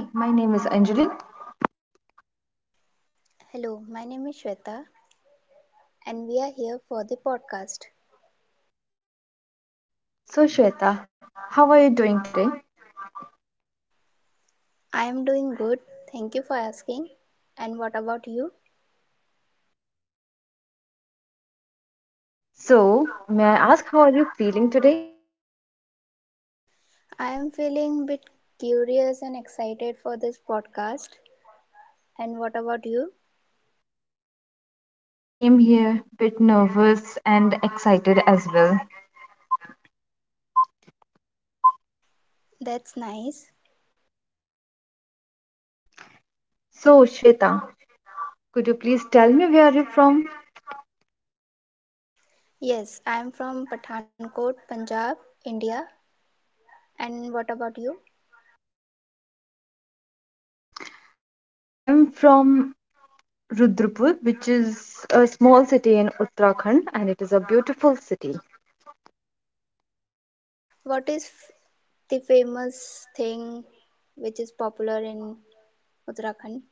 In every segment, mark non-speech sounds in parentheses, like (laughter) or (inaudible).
Hi, my name is Anjali. Hello, my name is Shweta and we are here for the podcast. So, Shweta, how are you doing today? I am doing good. Thank you for asking. And what about you? Yeah, I'm doing good too. So, may I ask how are you feeling today? I am feeling a bit curious and excited for this podcast. And what about you? Yeah, same here. Bit nervous and excited as well. That's nice. So, Shweta, could you please tell me where are you from? Yes, I am from Pathankot, Punjab, India. And what about you? I am from Rudrapur, which is a small city in Uttarakhand, and it is a beautiful city. What is f- the famous thing which is popular in Uttarakhand?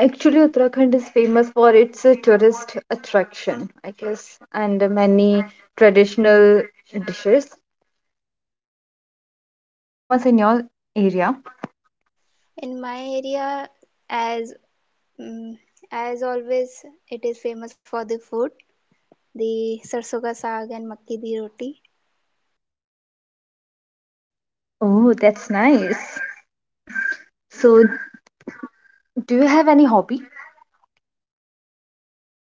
Actually, Uttarakhand is famous for its tourist attraction, I guess, and many traditional dishes. And what famous in your area? In my area, as Mm, as always, it is famous for the food, the sarson ka saag and makki di roti. Oh, that's nice. So, do you have any hobby?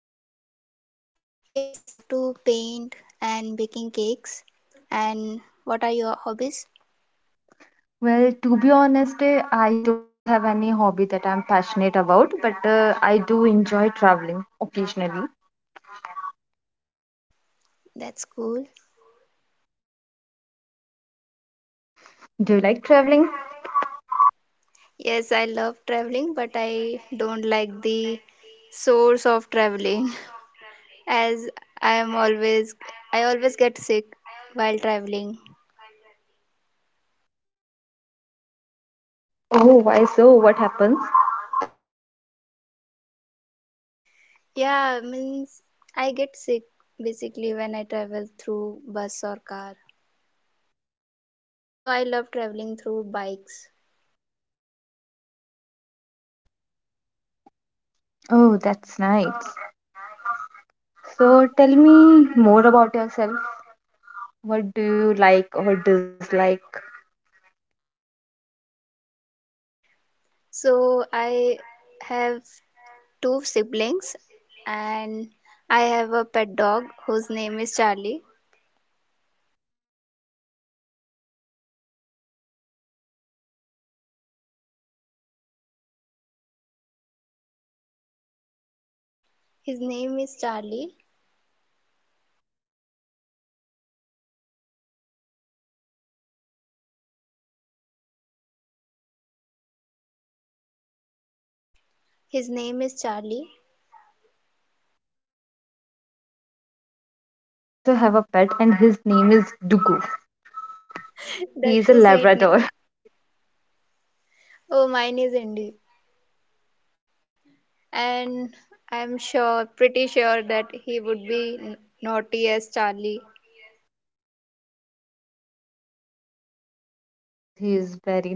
Yes, I love to paint and baking cakes. And what are your hobbies? Well, to be honest, I don't have any hobby that I'm passionate about, but I do enjoy traveling occasionally. That's cool. Do you like traveling? Yes, I love traveling, but I don't like the source of traveling (laughs) as I am always I always get sick while traveling. Oh, why so? What happens? Yeah, means I get sick basically when I travel through bus or car. So I love traveling through bikes. Oh, that's nice. So, tell me more about yourself. What do you like or dislike? So I have two siblings and I have a pet dog whose name is Charlie. Oh, that's nice. What his name? His name is Charlie. His name is Charlie. Oh, that's nice. Even I also have a pet, and his name is Dugu. He (laughs) is a That's a sweet Labrador. name. (laughs) Oh, mine is Indy. And I'm sure, pretty sure that he would be naughty as Charlie. Yes, he is very naughty.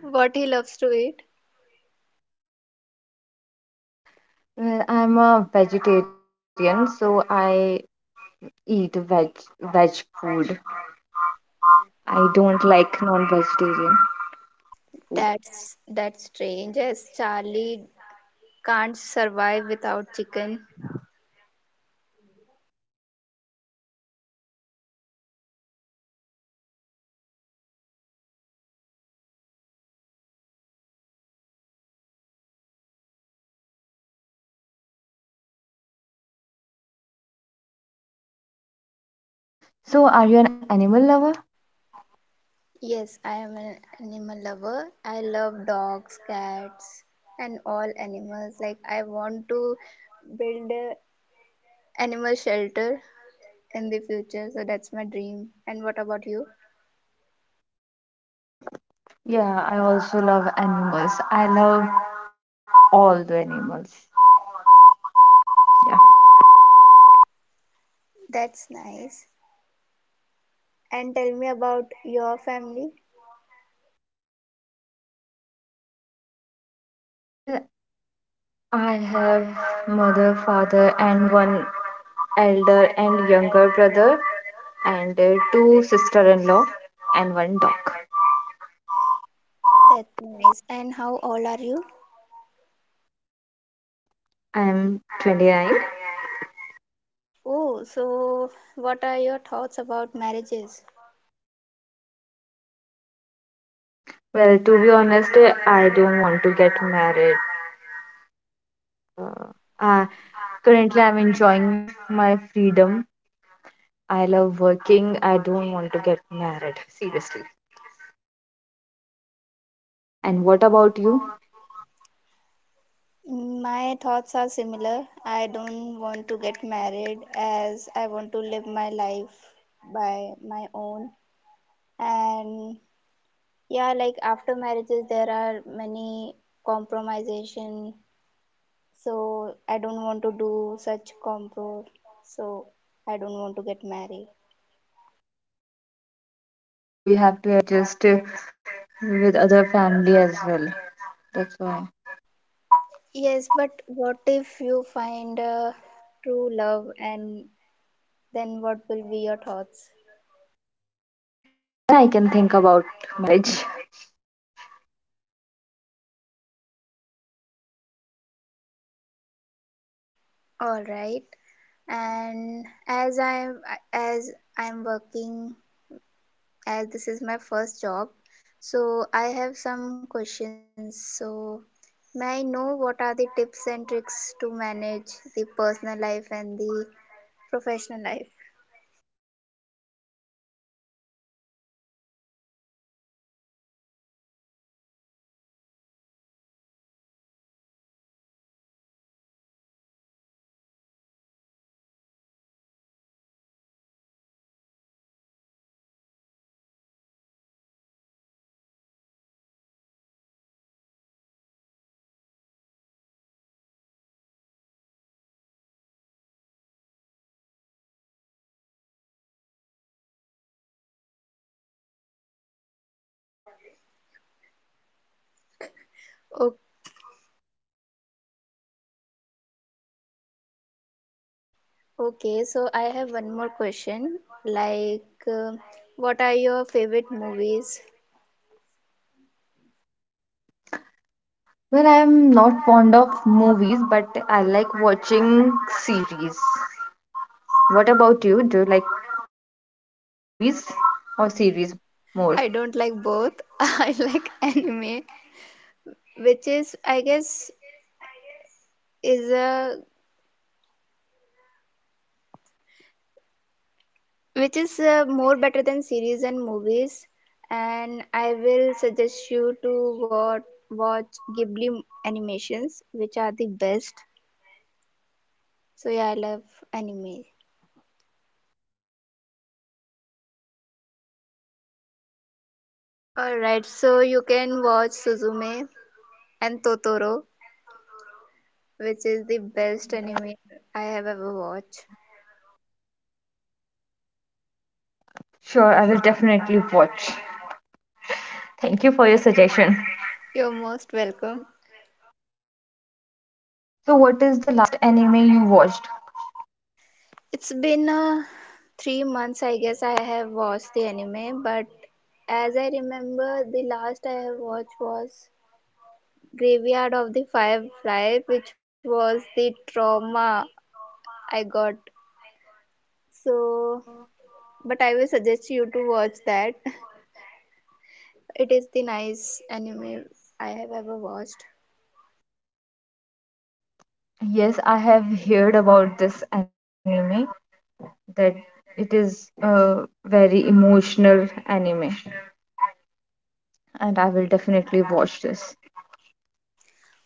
What he loves to eat. Well, I'm a vegetarian, so I eat veg food. I don't like non-vegetarian food. That's strange as Charlie can't survive without chicken. So, are you an animal lover? Yes, I am an animal lover. I love dogs, cats, and all animals. Like, I want to build a animal shelter in the future, so that's my dream. And what about you? Yeah, I also love animals. I love all the animals. Yeah. That's nice. And tell me about your family. Well, I have mother, father, and one elder and younger brother, and two sister-in-law, and one dog. That's nice. And how old are you? I am 29. Oh, so what are your thoughts about marriages? Well, to be honest, I don't want to get married. Uh, uh, Currently, I'm enjoying my freedom. I love working. I don't want to get married, seriously. And what about you? My thoughts are similar. I don't want to get married as I want to live my life by my own. And yeah, like after marriages, there are many compromisation. So I don't want to do such compro. So I don't want to get married. Yeah, that's true. We have to adjust with other family as well. That's why. Yes, but what if you find a true love and then what will be your thoughts? Then I can think about marriage. It will be a different scenario then. So, All right. And as I'm working, as this is my first job, so I have some questions. So may I know what are the tips and tricks to manage the personal life and the professional life? mm, just what to say? I don't know how to manage both things. Eh. Either you can manage your professional life or you can manage your personal life. I think so. That's what my thought. O- okay, so I have one more question, like, uh, what are your favorite movies? Well, I'm not fond of movies, but I like watching series. What about you? Do you like movies or series more? I don't like both. (laughs) I like anime, which is I guess is a which is more better than series and movies. And I will suggest you to watch Ghibli animations, which are the best. So yeah, I love anime. Oh, I would love to watch. Alright, so you can watch Suzume and Totoro, which is the best anime I have ever watched. Sure, I will definitely watch. Thank you for your suggestion. You're most welcome. So, what is the last anime you watched? It's been 3 months, I guess, I have watched the anime, but as I remember, the last I have watched was Graveyard of the Firefly, which was the trauma I got. So, but I will suggest you to watch that. (laughs) It is the nice anime I have ever watched. Yes, I have heard about this anime that it is a very emotional anime, and I will definitely watch this.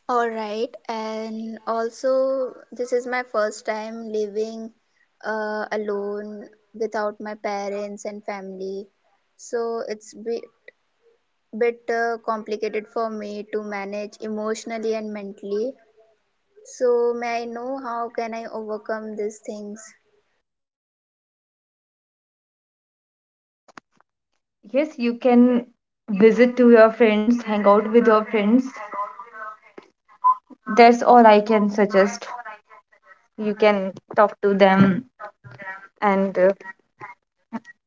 Alright, and also, this is my first time living alone without my parents and family. So, it's be bit complicated for me to manage emotionally and mentally. So may I know how can I overcome these things? Yes, you can visit to your friends, hang out with your friends. That's all I can suggest. You can talk to them and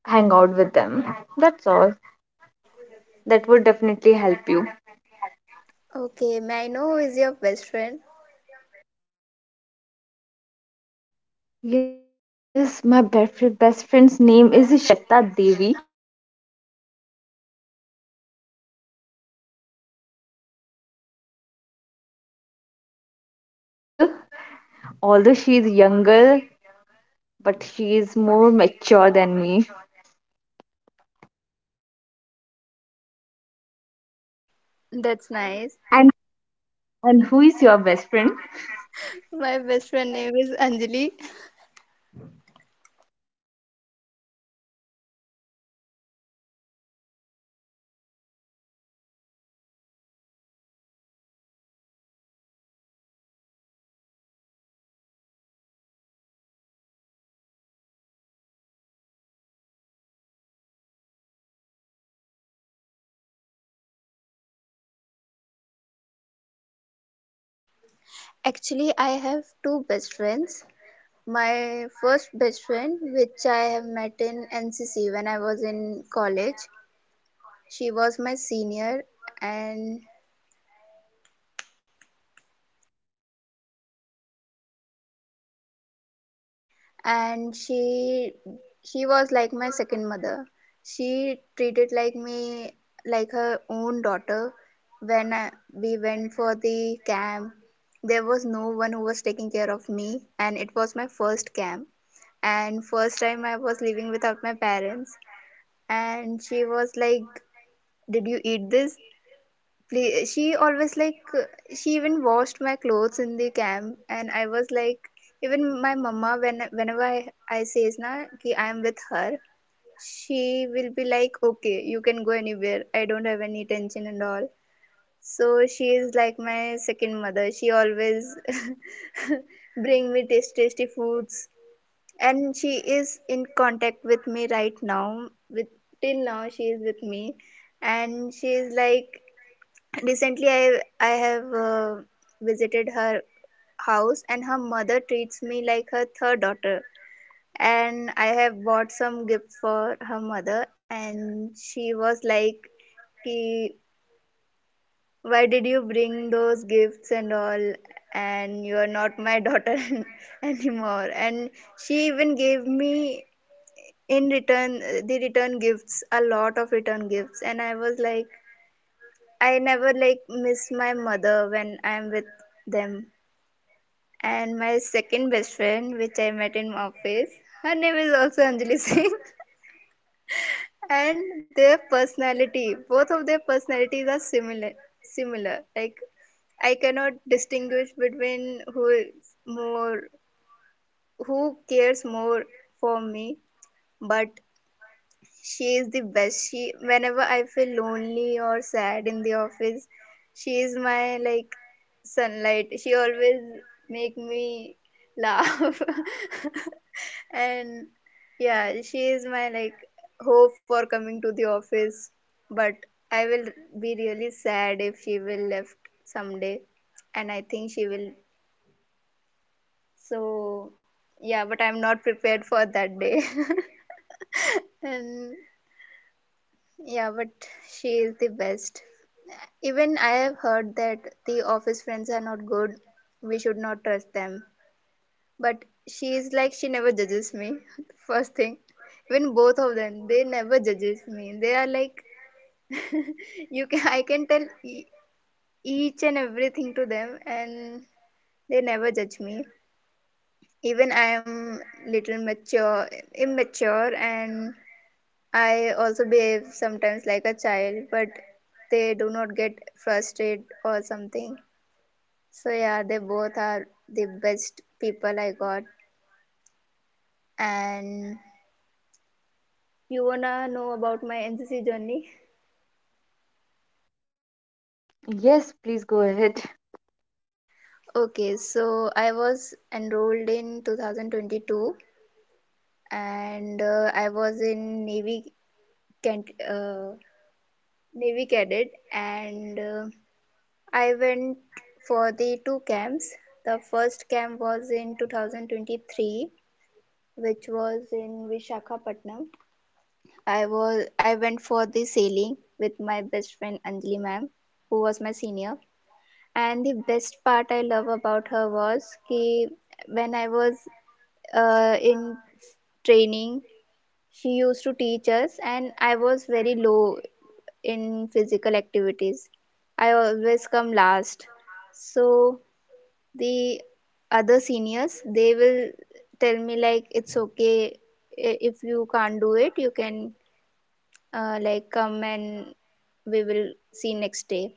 hang out with them. That's all. That would definitely help you. Okay, may I know who is your best friend? Yes, my best friend's name is Shweta Devi. She is very cute and she is very sweet. She cares for me a lot. Although she is younger, but she is more mature than me. That's nice. And who is your best friend? My best friend name is Anjali. Actually, I have two best friends. My first best friend, which I have met in NCC when I was in college, she was my senior, and and she was like my second mother. She treated like me like her own daughter. We went for the camp, there was no one who was taking care of me, and it was my first camp and first time I was living without my parents. And she was like, "Did you eat this play?" She always like, she even washed my clothes in the camp, and I was like, even my mama, whenever I says na ki I am with her, she will be like, "Okay, you can go anywhere, I don't have any tension and all." So she is like my second mother. She always (laughs) bring me taste tasty foods, and she is in contact with me right now. With Till now she is with me, and she is like, recently, I have visited her house, and her mother treats me like her third daughter. And I have bought some gift for her mother, and she was like, "Ki, why did you bring those gifts and all? And you are not my daughter (laughs) anymore." And she even gave me in return, the return gifts, a lot of return gifts. And I was like, I never like miss my mother when I am with them. And my second best friend, which I met in office, her name is also Anjali Singh. (laughs) And their personality both of their personalities are similar. Like, I cannot distinguish between who is more, who cares more for me, but she is the best. She Whenever I feel lonely or sad in the office, she is my like sunlight. She always make me laugh. (laughs) And yeah, she is my like hope for coming to the office. But I will be really sad if she will left someday, and I think she will. So yeah, but I'm not prepared for that day. (laughs) And yeah, but she is the best. Even I have heard that the office friends are not good, we should not trust them, but she is like, she never judges me. (laughs) First thing, even both of them, they never judges me. They are like, (laughs) you can I can tell each and everything to them, and they never judge me. Even I am little mature immature, and I also behave sometimes like a child, but they do not get frustrated or something. So yeah, they both are the best people I got. And you wanna know about my NCC journey? Yes, please go ahead. Okay, so I was enrolled in 2022, and I was in can uh, Navy cadet, and I went for the two camps. The first camp was in 2023, which was in Vishakhapatnam. I went for the sailing with my best friend Anjali ma'am, who was my senior. And the best part I love about her was ki when I was in training, she used to teach us, and I was very low in physical activities. I always come last. So the other seniors they will tell me like, "It's okay, if you can't do it, you can, like come, and we will see next day."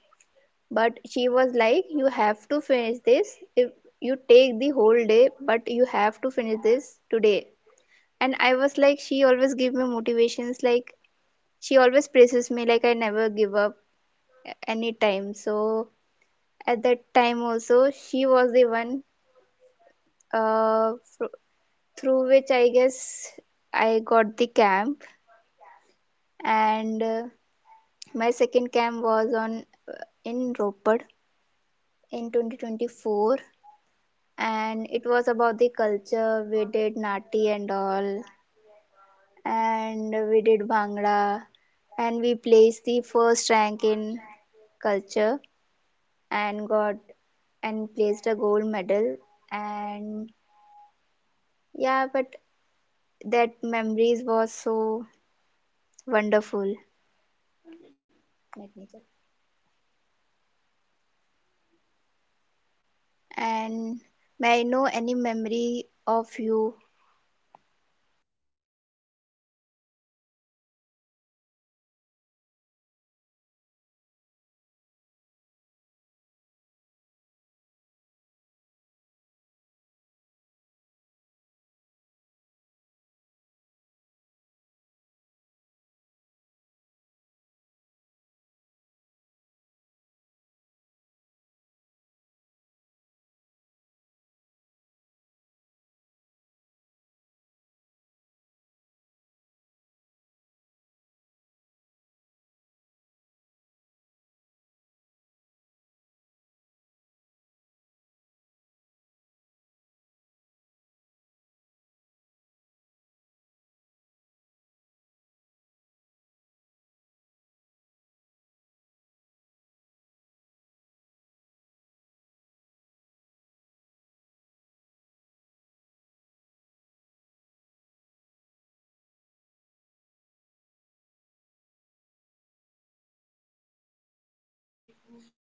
But she was like, "You have to finish this. If you take the whole day, but you have to finish this today." And I was like, she always give me motivations, like she always praises me, like I never give up any time. So at that time also she was the one uh, fr- through which I guess I got the camp. And my second camp was on in ropad in 2024, and it was about the culture. We did nati and all, and we did bhangra, and we placed the first rank in culture and got and placed a gold medal. And yeah, but that memories was so wonderful. Let me check. And may I know any memory of you?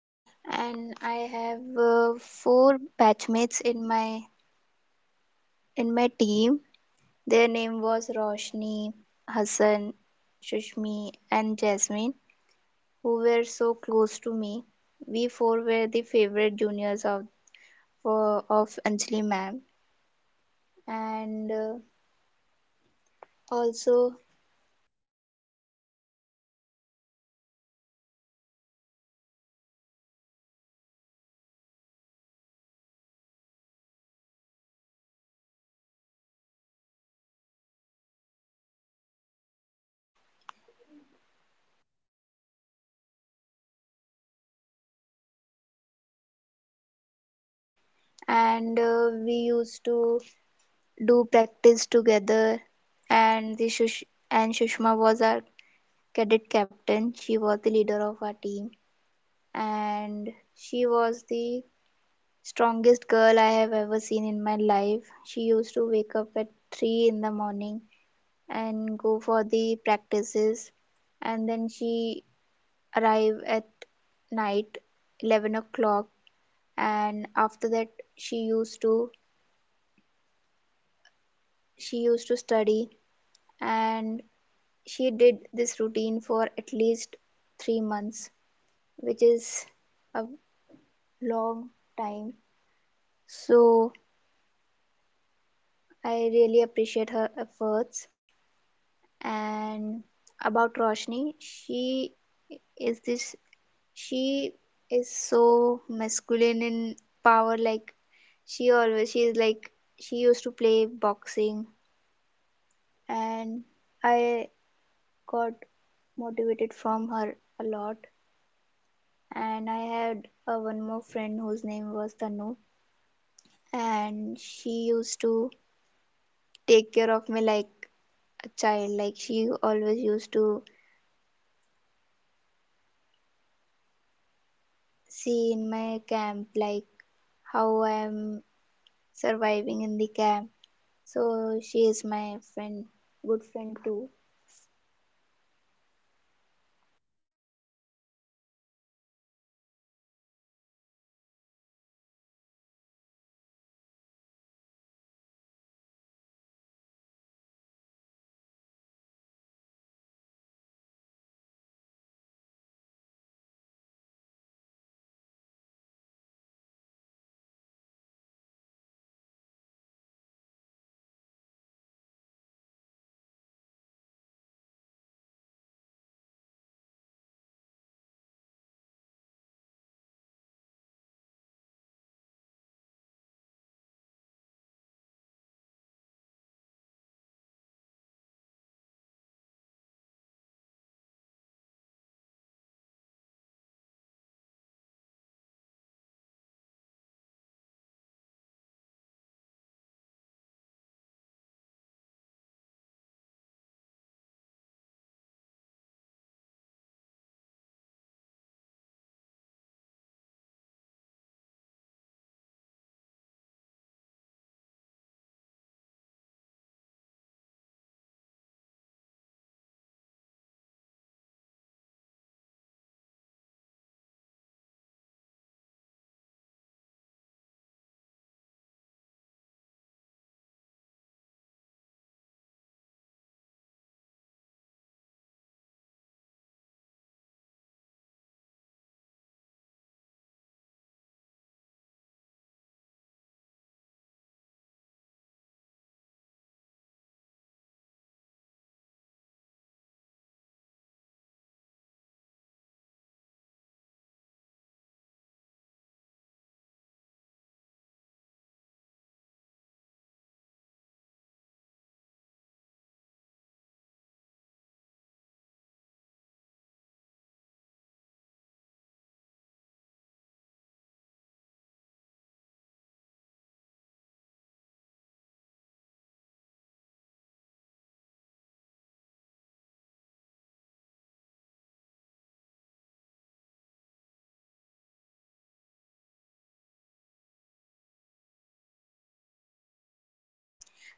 And I have four batchmates in my team. Their name was Roshni, Hassan, Shushmi, and Jasmine, who were so close to me. We four were the favorite juniors of of Anjali ma'am, and also. And we used to do practice together. And Shushma was our cadet captain. She was the leader of our team, and she was the strongest girl I have ever seen in my life. She used to wake up at 3 in the morning and go for the practices, and then she arrive at night 11 o'clock, and after that she used to she used to study. And she did this routine for at least 3 months, which is a long time. So I really appreciate her efforts. And about Roshni, is this she is so masculine in power. Like she always she is like She used to play boxing, and I got motivated from her a lot. And I had one more friend whose name was Tanu, and she used to take care of me like a child. Like she always used to see in my camp like how I am surviving in the camp. So she is my friend, good friend too.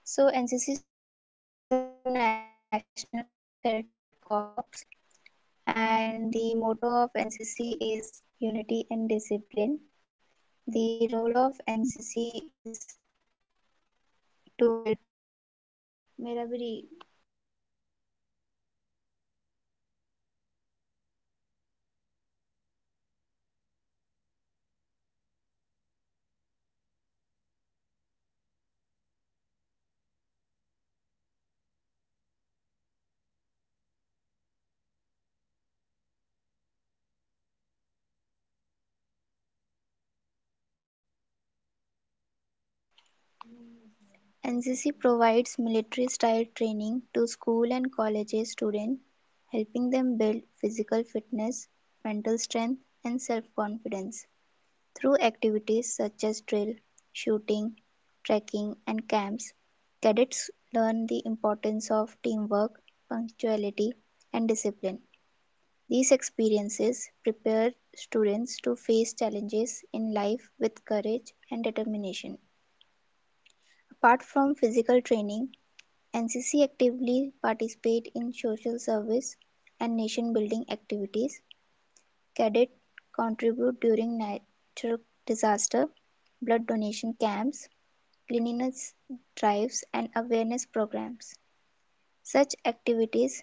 So NCC stands for National Cadet Corps, and the motto of NCC is unity and discipline. The role of NCC is to build मेरा भी NCC provides military-style training to school and college students, helping them build physical fitness, mental strength, and self-confidence. Through activities such as drill, shooting, trekking, and camps, cadets learn the importance of teamwork, punctuality, and discipline. These experiences prepare students to face challenges in life with courage and determination. Apart from physical training, NCC actively participate in social service and nation building activities. Cadets contribute during natural disaster, blood donation camps, cleanliness drives, and awareness programs. Such activities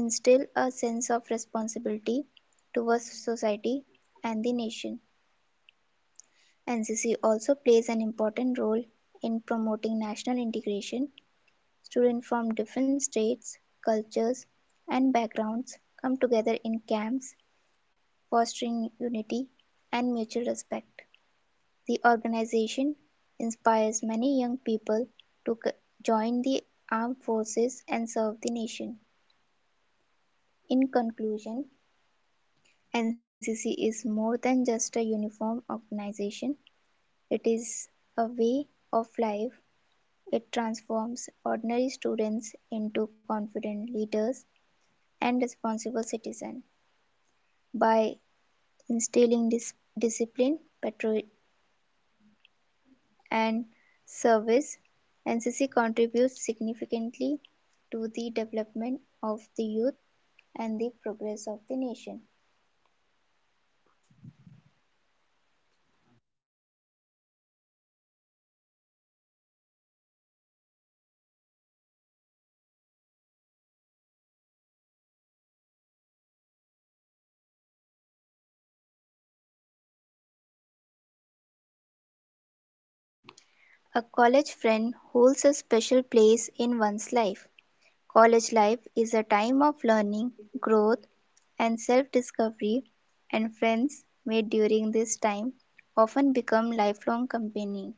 instill a sense of responsibility towards society and the nation. NCC also plays an important role in promoting national integration. Students from different states, cultures, and backgrounds come together in camps, fostering unity and mutual respect. The organization inspires many young people to join the armed forces and serve the nation. In conclusion, NCC is more than just a uniform organization, it is a way of life. It transforms ordinary students into confident leaders and responsible citizens. By instilling discipline, patrol, and service, NCC contributes significantly to the development of the youth and the progress of the nation. A college friend holds a special place in one's life. College life is a time of learning, growth, and self discovery, and friends made during this time often become lifelong companions.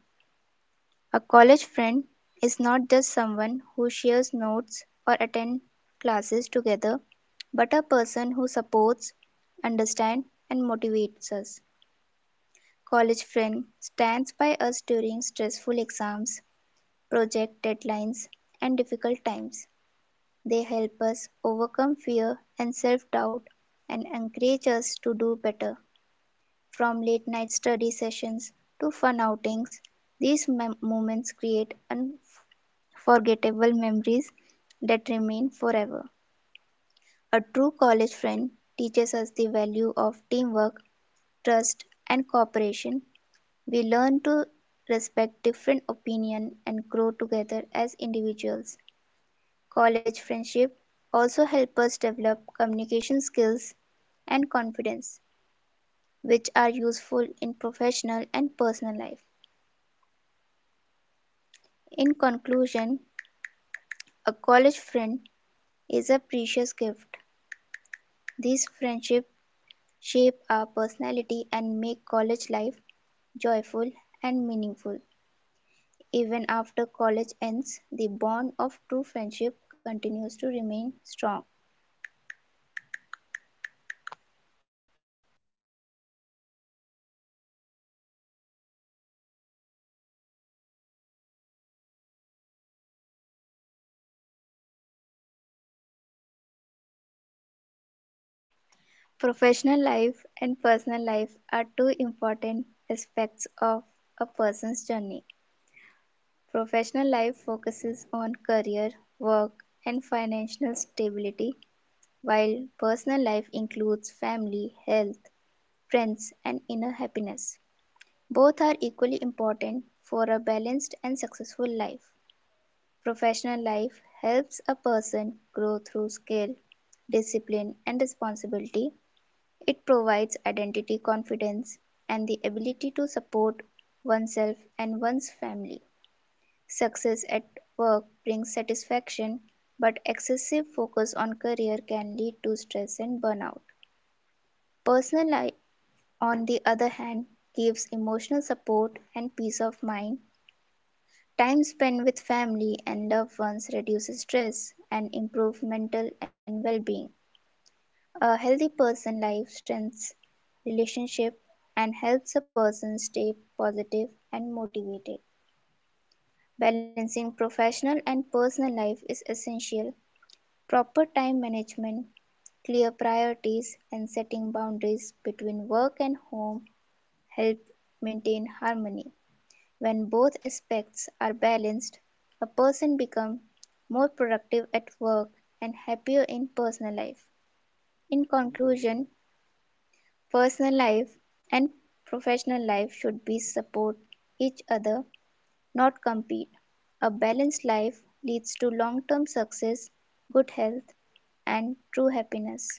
A college friend is not just someone who shares notes or attends classes together, but a person who supports, understands, and motivates us. College friend stands by us during stressful exams, project deadlines, and difficult times. They help us overcome fear and self doubt and encourage us to do better. From late night study sessions to fun outings, these moments create forgettable memories that remain forever. A true college friend teaches us the value of teamwork, trust, and cooperation. We learn to respect different opinion and grow together as individuals. College friendship also help us develop communication skills and confidence, which are useful in professional and personal life. In conclusion, a college friend is a precious gift. This friendship shape our personality and make college life joyful and meaningful. Even after college ends, the bond of true friendship continues to remain strong. Professional life and personal life are two important aspects of a person's journey. Professional life focuses on career, work, and financial stability, while personal life includes family, health, friends, and inner happiness. Both are equally important for a balanced and successful life. Professional life helps a person grow through skill, discipline, and responsibility. It provides identity, confidence, and the ability to support oneself and one's family. Success at work brings satisfaction, but excessive focus on career can lead to stress and burnout. Personal life, on the other hand, gives emotional support and peace of mind. Time spent with family and loved ones reduces stress and improves mental and well-being. A healthy person life strengthens relationship and helps a person stay positive and motivated. Balancing professional and personal life is essential. Proper time management, clear priorities and setting boundaries between work and home help maintain harmony. When both aspects are balanced, a person becomes more productive at work and happier in personal life. In conclusion, personal life and professional life should be support each other, not compete. A balanced life leads to long-term success, good health, and true happiness.